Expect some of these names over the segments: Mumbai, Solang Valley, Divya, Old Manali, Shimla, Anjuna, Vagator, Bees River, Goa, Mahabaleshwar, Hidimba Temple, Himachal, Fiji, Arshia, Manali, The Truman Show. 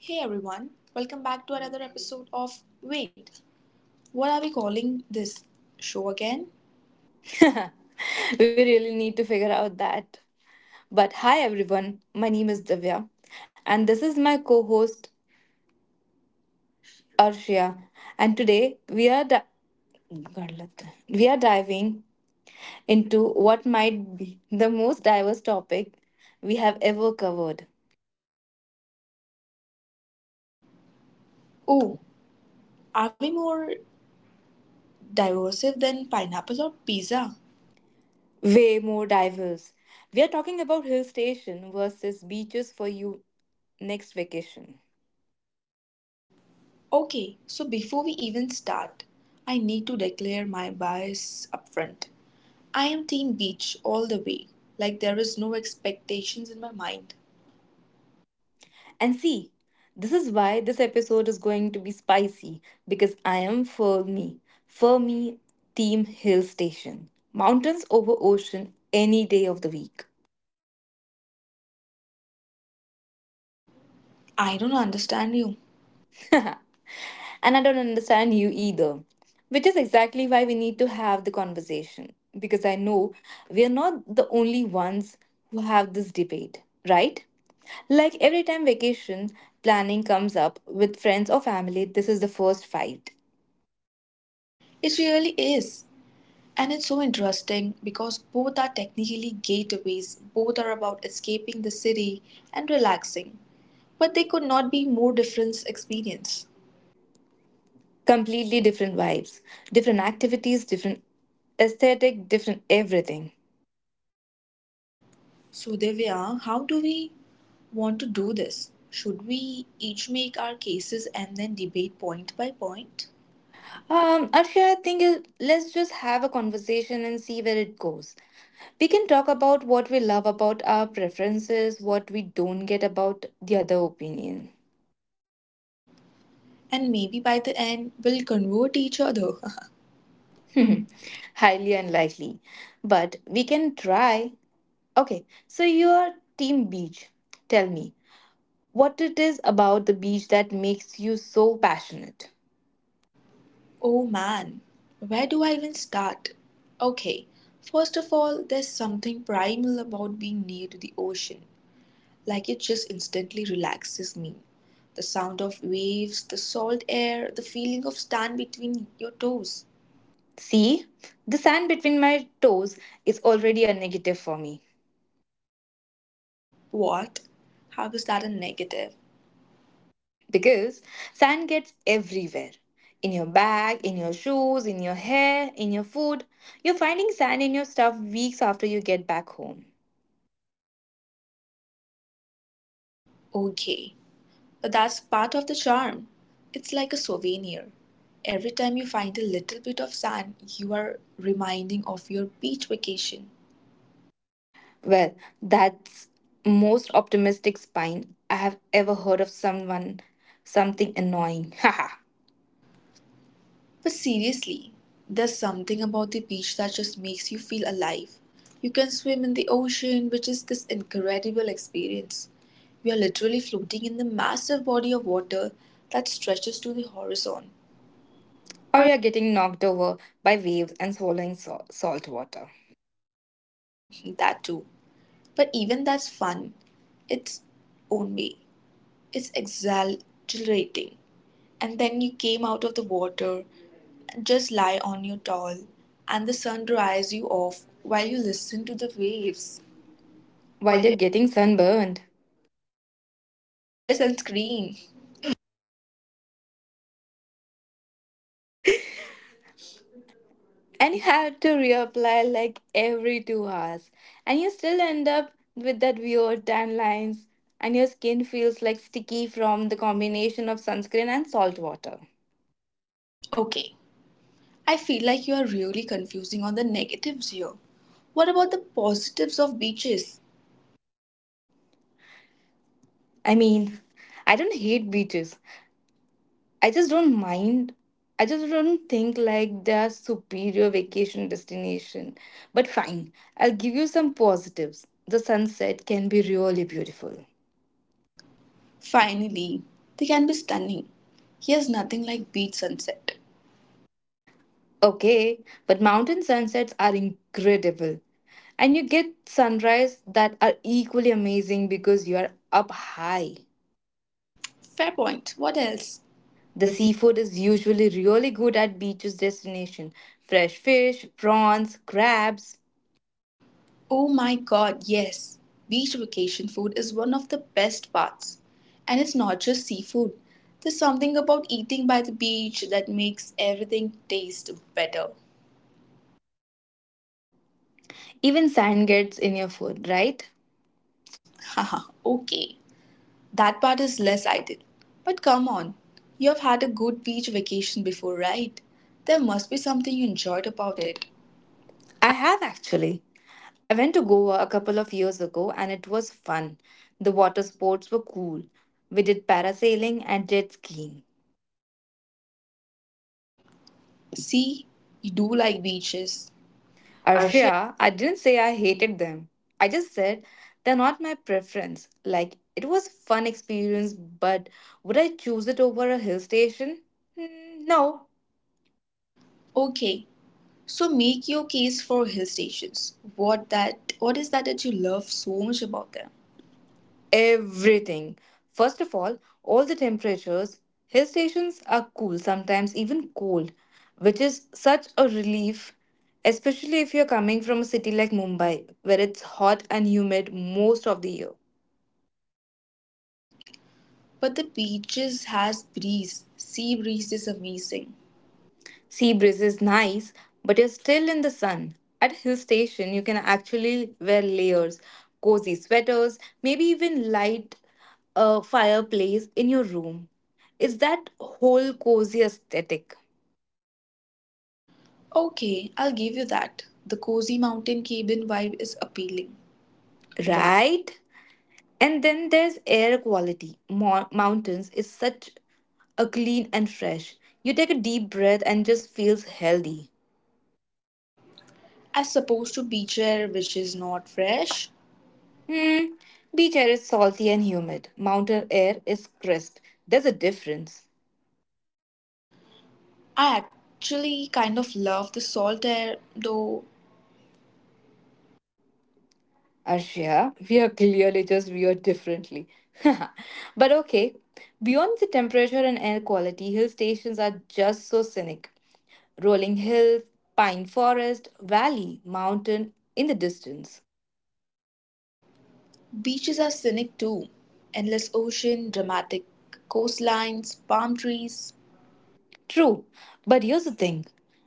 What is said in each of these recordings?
Hey everyone, welcome back to another episode of... Wait, what are we calling this show again? We really need to figure out that. But hi everyone, my name is Divya and this is my co-host Arshia, and today we are di- God, let- we are diving into what might be the most diverse topic we have ever covered. Oh, are we more diversive than pineapple or pizza? Way more diverse. We are talking about hill station versus beaches for you next vacation. Okay, so before we even start, I need to declare my bias upfront. I am Team Beach all the way, like there is no expectations in my mind. And see, this is why this episode is going to be spicy because I am for me. For me, Team Hill Station. Mountains over ocean any day of the week. I don't understand you. And I don't understand you either. Which is exactly why we need to have the conversation because I know we are not the only ones who have this debate, right? Like every time vacation planning comes up with friends or family, this is the first fight. It really is. And it's so interesting because both are technically gateways, both are about escaping the city and relaxing, but they could not be more different experience. Completely different vibes, different activities, different aesthetic, different everything. So Divya, how do we want to do this? Should we each make our cases and then debate point by point? Arshia, let's just have a conversation and see where it goes. We can talk about what we love about our preferences, what we don't get about the other opinion. And maybe by the end we'll convert each other. Hmm. Highly unlikely, but we can try. Okay, so you are Team Beach. Tell me, what it is about the beach that makes you so passionate? Oh man, where do I even start? Okay, first of all, there's something primal about being near to the ocean. Like it just instantly relaxes me. The sound of waves, the salt air, the feeling of sand between your toes. See, the sand between my toes is already a negative for me What? How is that a negative? because sand gets everywhere, in your bag, in your shoes, in your hair, in your food. You're finding sand in your stuff weeks after you get back home. Okay. But that's part of the charm. It's like a souvenir. Every time you find a little bit of sand, you are reminding of your beach vacation. Well, that's most optimistic spine I have ever heard of someone something annoying. Haha. But seriously, there's something about the beach that just makes you feel alive. You can swim in the ocean, which is this incredible experience. You are literally floating in the massive body of water that stretches to the horizon. Or you're getting knocked over by waves and swallowing salt water That too. But even that's fun. Its own way. It's exhilarating. And then you came out of the water, just lie on your towel, and the sun dries you off while you listen to the waves. while While... you're getting sunburned. You wear sunscreen. And you have to reapply like every 2 hours and you still end up with that weird tan lines and your skin feels like sticky from the combination of sunscreen and salt water. Okay. I feel like you are really confusing on the negatives here. What about the positives of beaches? I mean, I don't hate beaches, I just don't mind, I just don't think like they are superior vacation destination, but fine, I'll give you some positives. The sunset can be really beautiful. Finally, they can be stunning. Here's nothing like beach sunset. Okay, but mountain sunsets are incredible. And you get sunrise that are equally amazing because you are up high. Fair point. What else? The The sea... seafood is usually really good at beaches destination. Fresh fish, prawns, crabs, Oh my god, yes. Beach vacation food is one of the best parts. And it's not just seafood. There's something about eating by the beach that makes everything taste better. even sand gets in your food, right? Haha, okay. That part is less ideal. But come on, you've had a good beach vacation before, right? There must be something you enjoyed About about it. it. I have actually. I went to Goa a couple of years ago and it was fun. The water sports were cool. We did parasailing and jet skiing. See, you do like beaches. Arshia, I didn't say I hated them. I just said they're not my preference. Like, it was a fun experience, but would I choose it over a hill station? Hmm, no. Okay, so make your case for hill stations. What is that that you love so much about them? Everything. First of all the temperatures. Hill stations are cool, sometimes even cold, which is such a relief, especially if you're coming from a city like Mumbai, where it's hot and humid most of the year. But the beaches has breeze. Sea breeze is amazing. Sea breeze is nice, but you're still in the sun. At hill station, you can actually wear layers, cozy sweaters, maybe even light a fireplace in your room. It's that whole cozy aesthetic, Okay, I'll give you that. The cozy mountain cabin vibe is appealing. Ra- right? And then there's air quality. Mountains is such a clean and fresh. You take a deep breath and just feels healthy. As opposed to beach air which is not fresh. Hmm. Beach air is salty and humid. Mountain air is crisp. There's a difference. I actually kind of love the salt air, though Arshia, we are clearly just weird differently. But okay, beyond the temperature and air quality, hill stations are just so scenic. Rolling hills, pine forest, valley, mountain in the distance. beaches are scenic too. Endless ocean, dramatic coastlines, palm trees. True, but here's the thing.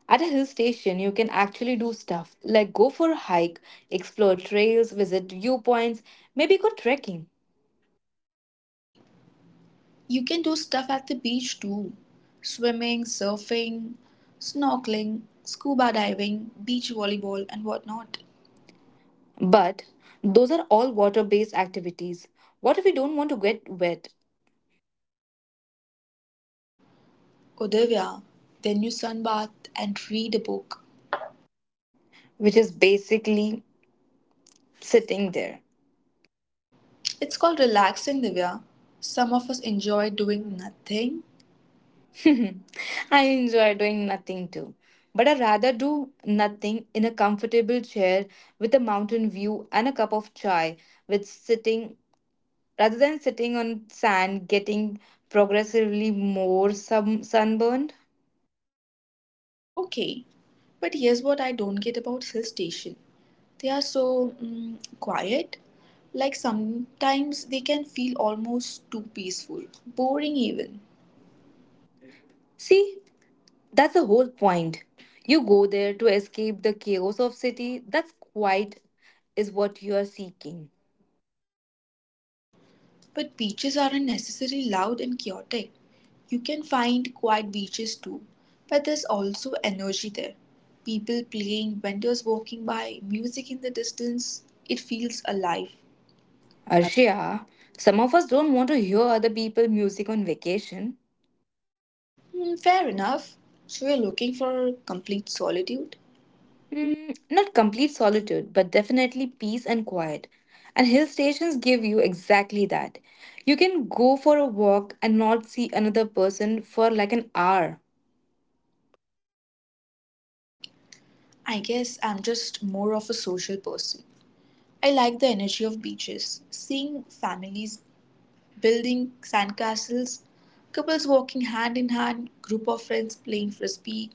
At a hill station, you can actually do stuff like go for a hike, explore trails, visit viewpoints, maybe go trekking. You can do stuff at the beach too: swimming, surfing, snorkeling, scuba diving, beach volleyball, and whatnot. But those are all water based activities. What if we don't want to get wet? Oh, Divya, then you sunbath and read a book. Which is basically sitting there. It's called relaxing, Divya. Some of us enjoy doing nothing. I enjoy doing nothing too, but I rather do nothing in a comfortable chair with a mountain view and a cup of chai with sitting rather than sitting on sand getting progressively more sunburned. Okay, but here's what I don't get about hill station. They are so quiet. Like sometimes they can feel almost too peaceful, boring even. See, that's the whole point. You go there to escape the chaos of city. That's quite is what you are seeking. But beaches aren't necessarily loud and chaotic. You can find quiet beaches too, but there's also energy there. People playing, vendors walking by, music in the distance. It feels alive. Arshia, some of us don't want to hear other people music on vacation. Hmm, fair enough. So you're looking for complete solitude? Hmm, not complete solitude, but definitely peace and quiet. And hill stations give you exactly that. You can go for a walk and not see another person for like an hour. I guess I'm just more of a social person. I like the energy of beaches, seeing families building sandcastles, couples walking hand in hand, group of friends playing frisbee.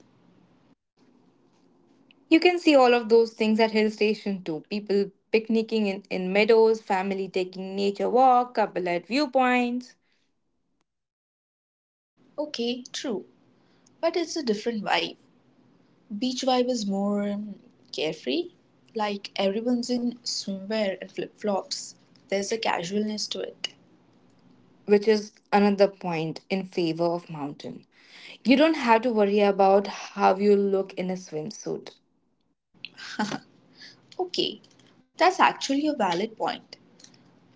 You can see all of those things at hill station too. People picnicking in meadows, family taking nature walk, couple at viewpoints, Okay, true, but it's a different vibe. Beach vibe is more carefree, like everyone's in swimwear and flip-flops. There's a casualness to it. which is another point in favor of mountain. You don't have to worry about how you look in a swimsuit, Okay, that's actually a valid point.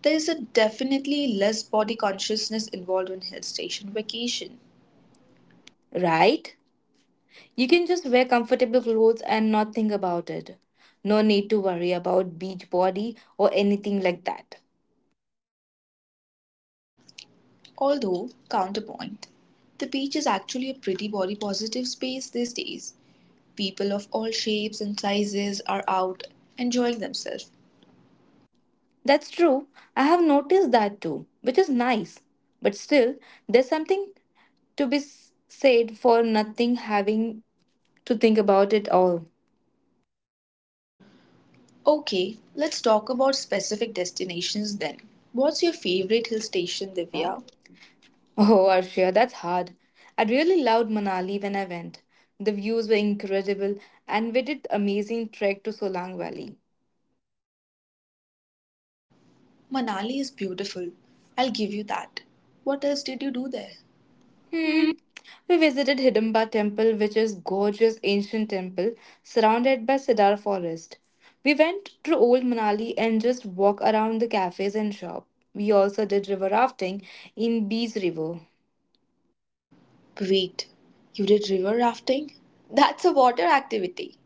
There is a definitely less body consciousness involved on hill station vacation. right? You can just wear comfortable clothes and not think about it. No need to worry about beach body or anything like that. Although, counterpoint, the beach is actually a pretty body positive space these days. People of all shapes and sizes are out enjoying themselves. That's true. I have noticed that too, which is nice. But still, there's something to be said for nothing having to think about it all. Okay, let's talk about specific destinations then. What's your favorite hill station, Yeah. Divya? Oh, Arshia, that's hard. I really loved Manali when I went. The views were incredible, and we did amazing trek to Solang Valley. Manali is beautiful. I'll give you that. What else did you do there? Hmm. We visited Hidimba Temple, which is gorgeous ancient temple surrounded by cedar forest. We went to Old Manali and just walk around the cafes and shop. We also did river rafting in Bees River. Wait, you did river rafting? That's a water activity.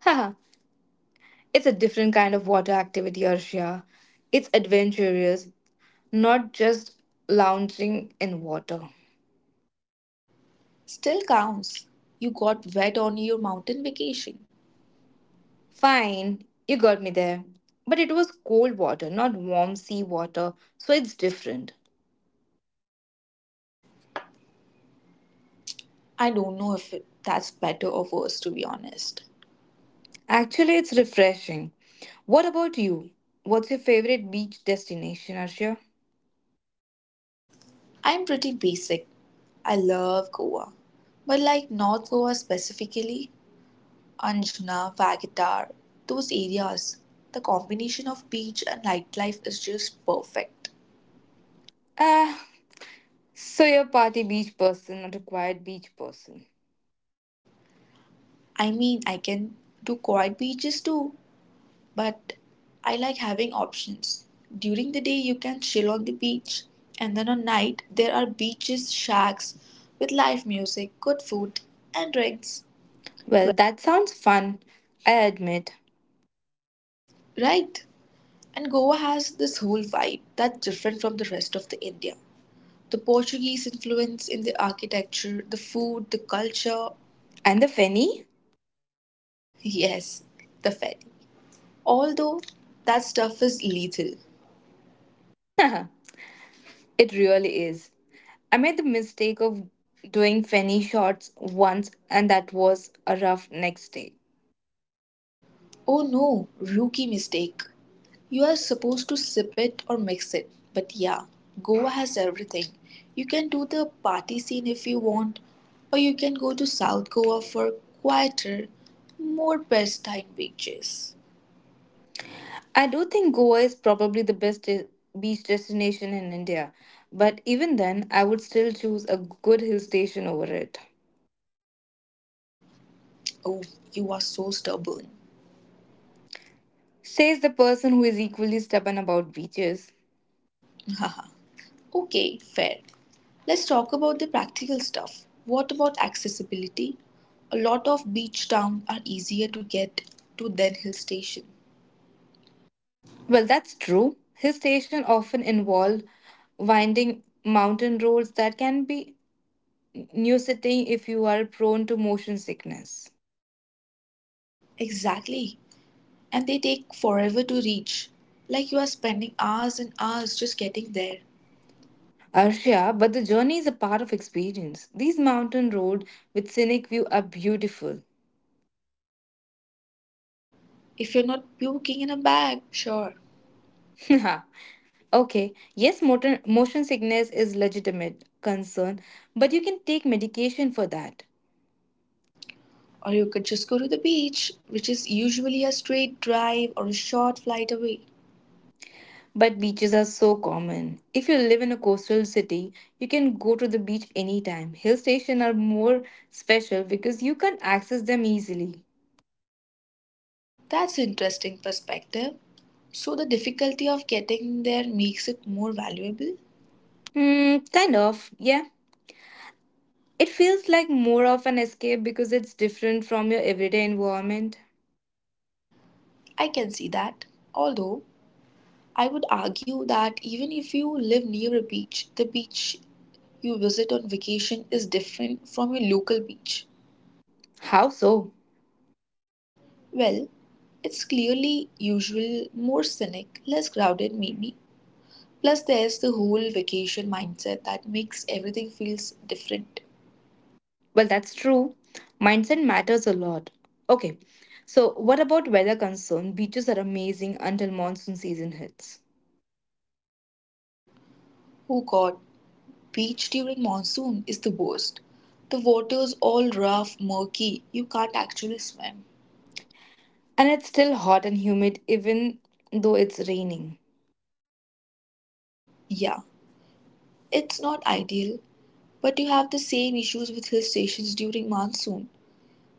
Haha, it's a different kind of water activity, Arshia. It's adventurous, not just lounging in water. Still counts. You got wet on your mountain vacation. Fine, you got me there. But it was cold water, not warm sea water, so it's different. I don't know if that's better or worse, to be honest. Actually, it's refreshing. What about you? What's your favorite beach destination, Arshia? I'm pretty basic. I love Goa. But like North Goa specifically, Anjuna, Vagatar, those areas, the combination of beach and nightlife is just perfect. Ah, so you're a party beach person, not a quiet beach person. I mean, I can do quiet beaches too, but I like having options. During the day, you can chill on the beach, and then at night, there are beaches, shacks with live music, good food, and drinks. Well, that sounds fun, I admit. Right? And Goa has this whole vibe that's different from the rest of the India. The Portuguese influence in the architecture, the food, the culture, And the Fenny? yes, the ferry. Although that stuff is lethal. It really is. I made the mistake of doing fanny shots once, and that was a rough next day. Oh no, rookie mistake. You are supposed to sip it or mix it. But yeah, Goa has everything. You can do the party scene if you want, or you can go to South Goa for quieter, more pristine beaches. I do think Goa is probably the best beach destination in India, but even then, I would still choose a good hill station over it. Oh, you are so stubborn. Says the person who is equally stubborn about beaches. Haha, okay, fair. Let's talk about the practical stuff. What about accessibility? A lot of beach towns are easier to get to than hill station. Well, that's true. Hill station often involved winding mountain roads that can be nauseating if you are prone to motion sickness. Exactly, and they take forever to reach. Like you are spending hours and hours just getting there. Arshia, but the journey is a part of experience. These mountain road with scenic view are beautiful. If you're not puking in a bag, sure. Okay, yes, motion sickness is legitimate concern, but you can take medication for that. Or you could just go to the beach, which is usually a straight drive or a short flight away. But beaches are so common. If you live in a coastal city, you can go to the beach anytime. Hill stations are more special because you can access them easily. That's an interesting perspective. So the difficulty of getting there makes it more valuable. Hmm, kind of, yeah. It feels like more of an escape because it's different from your everyday environment. I can see that. Although I would argue that even if you live near a beach, the beach you visit on vacation is different from your local beach. How so? Well, it's clearly usual, more scenic, less crowded maybe. Plus there's the whole vacation mindset that makes everything feels different. Well, that's true. Mindset matters a lot. Okay, so what about weather concern? Beaches are amazing until monsoon season hits. Oh god, beach during monsoon is the worst. The water's all rough, murky, you can't actually swim. And it's still hot and humid even though it's raining. Yeah, it's not ideal, but you have the same issues with hill stations during monsoon.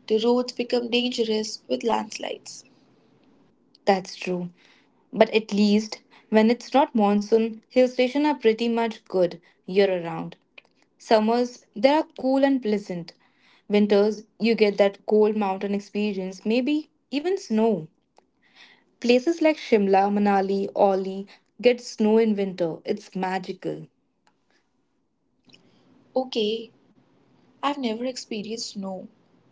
The roads become dangerous with landslides. That's true. But at least when it's not monsoon, hill stations are pretty much good year around. Summers, they are cool and pleasant. Winters, you get that cold mountain experience, maybe even snow. Places like Shimla, Manali, Orly get snow in winter. It's magical. Okay, I've never experienced snow,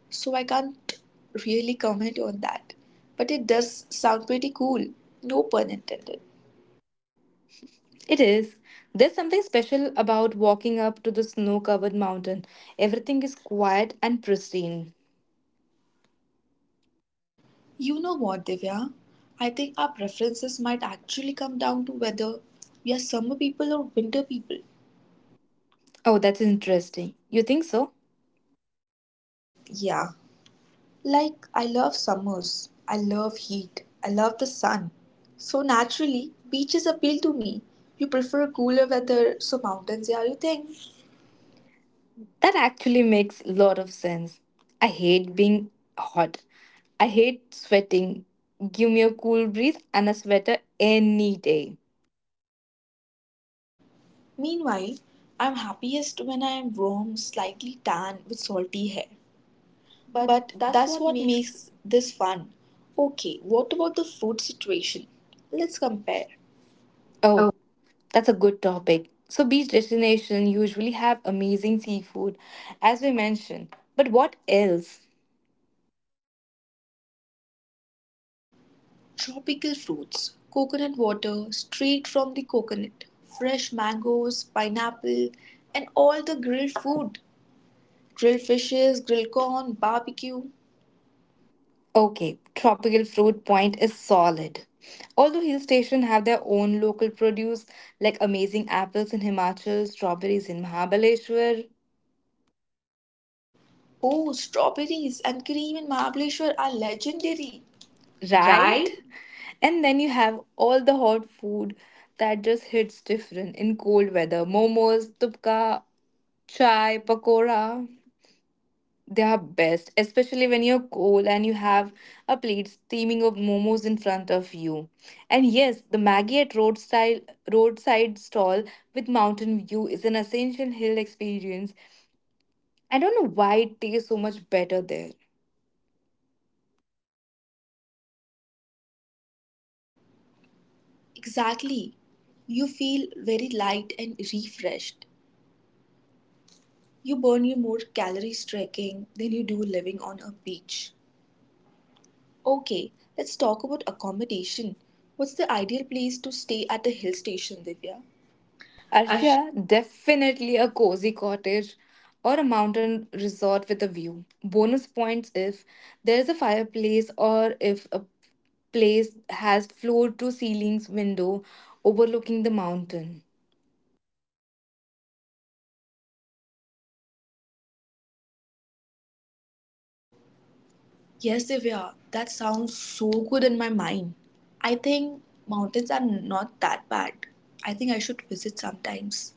so I can't really comment on that. But it does sound pretty cool, no pun intended. It is. There's something special about walking up to the snow covered mountain. Everything is quiet and pristine. You know what, Divya? I think our preferences might actually come down to whether we are summer people or winter people. Oh, that's interesting. You think so? Yeah. Like, I love summers, I love heat, I love the sun. So, naturally, beaches appeal to me. You prefer cooler weather, so mountains... Yeah, you think? That actually makes a lot of sense. I hate being hot. I hate sweating. Give me a cool breeze and a sweater any day. Meanwhile, I'm happiest when I am warm, slightly tan, with salty hair. But But that's that's what what makes. makes this fun. Okay, what about the food situation? Let's compare. Oh, Oh, that's a good topic. So, beach destinations usually have amazing seafood, as we mentioned. But what else? tropical fruits, coconut water straight from the coconut, fresh mangoes, pineapple, and all the grilled food. Grilled fishes, grilled corn, barbecue. Okay, tropical fruit point is solid. Although hill stations have their own local produce, like amazing apples in Himachal, strawberries in Mahabaleshwar, Oh, strawberries and cream in Mahabaleshwar are legendary. right? And then you have all the hot food that just hits different in cold weather. Momos, tupka, chai, pakora. They are best, especially when you're cold and you have a plate steaming of momos in front of you. And yes, the Maggie at roadside stall with mountain view is an essential hill experience. I don't know why it tastes so much better there. Exactly. You feel very light and refreshed. You burn you more calories trekking than you do living on a beach. Okay, let's talk about accommodation. What's the ideal place to stay at a hill station, Divya? Arsh- Arshia, definitely a cozy cottage or a mountain resort with a view. Bonus points if there is a fireplace or if a place has floor to ceilings window overlooking the mountain. Yes, Divya, that sounds so good in my mind. I think mountains are not that bad. I think I should visit sometimes.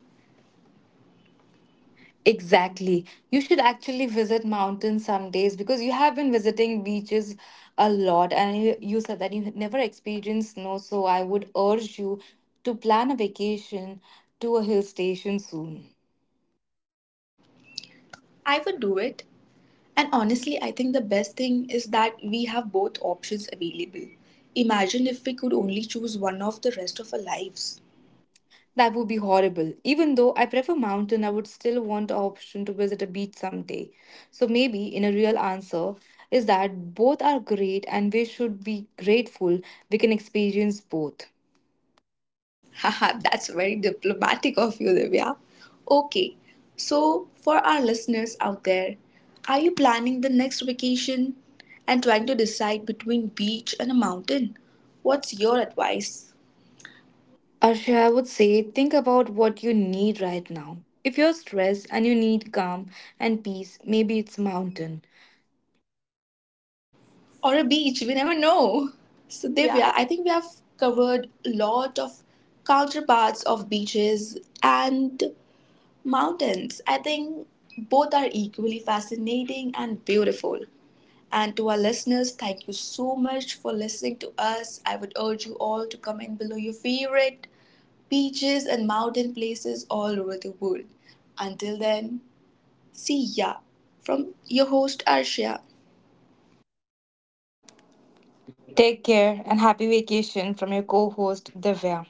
Exactly. You should actually visit mountains some days because you have been visiting beaches a lot and you said that you had never experienced snow. So I would urge you to plan a vacation to a hill station soon. I would do it. And honestly, I think the best thing is that we have both options available. Imagine if we could only choose one of the rest of our lives. That would be horrible. Even though I prefer mountain, I would still want the option to visit a beach someday. So maybe in a real answer is that both are great and we should be grateful we can experience both. Haha, that's very diplomatic of you, Divya. Okay, so for our listeners out there, are you planning the next vacation and trying to decide between beach and a mountain? What's your advice? Arshay, I would say think about what you need right now. If you're stressed and you need calm and peace, maybe it's mountain. Or a beach. We never know. So So, Divya, Divya, I- I think we have covered a lot of counterparts of beaches and mountains. I think both are equally fascinating and beautiful. And to our listeners, thank you so much for listening to us. I would urge you all to comment below your favorite beaches and mountain places all over the world. Until then, see ya, from your host Arshia. take care and happy vacation from your co-host Divya.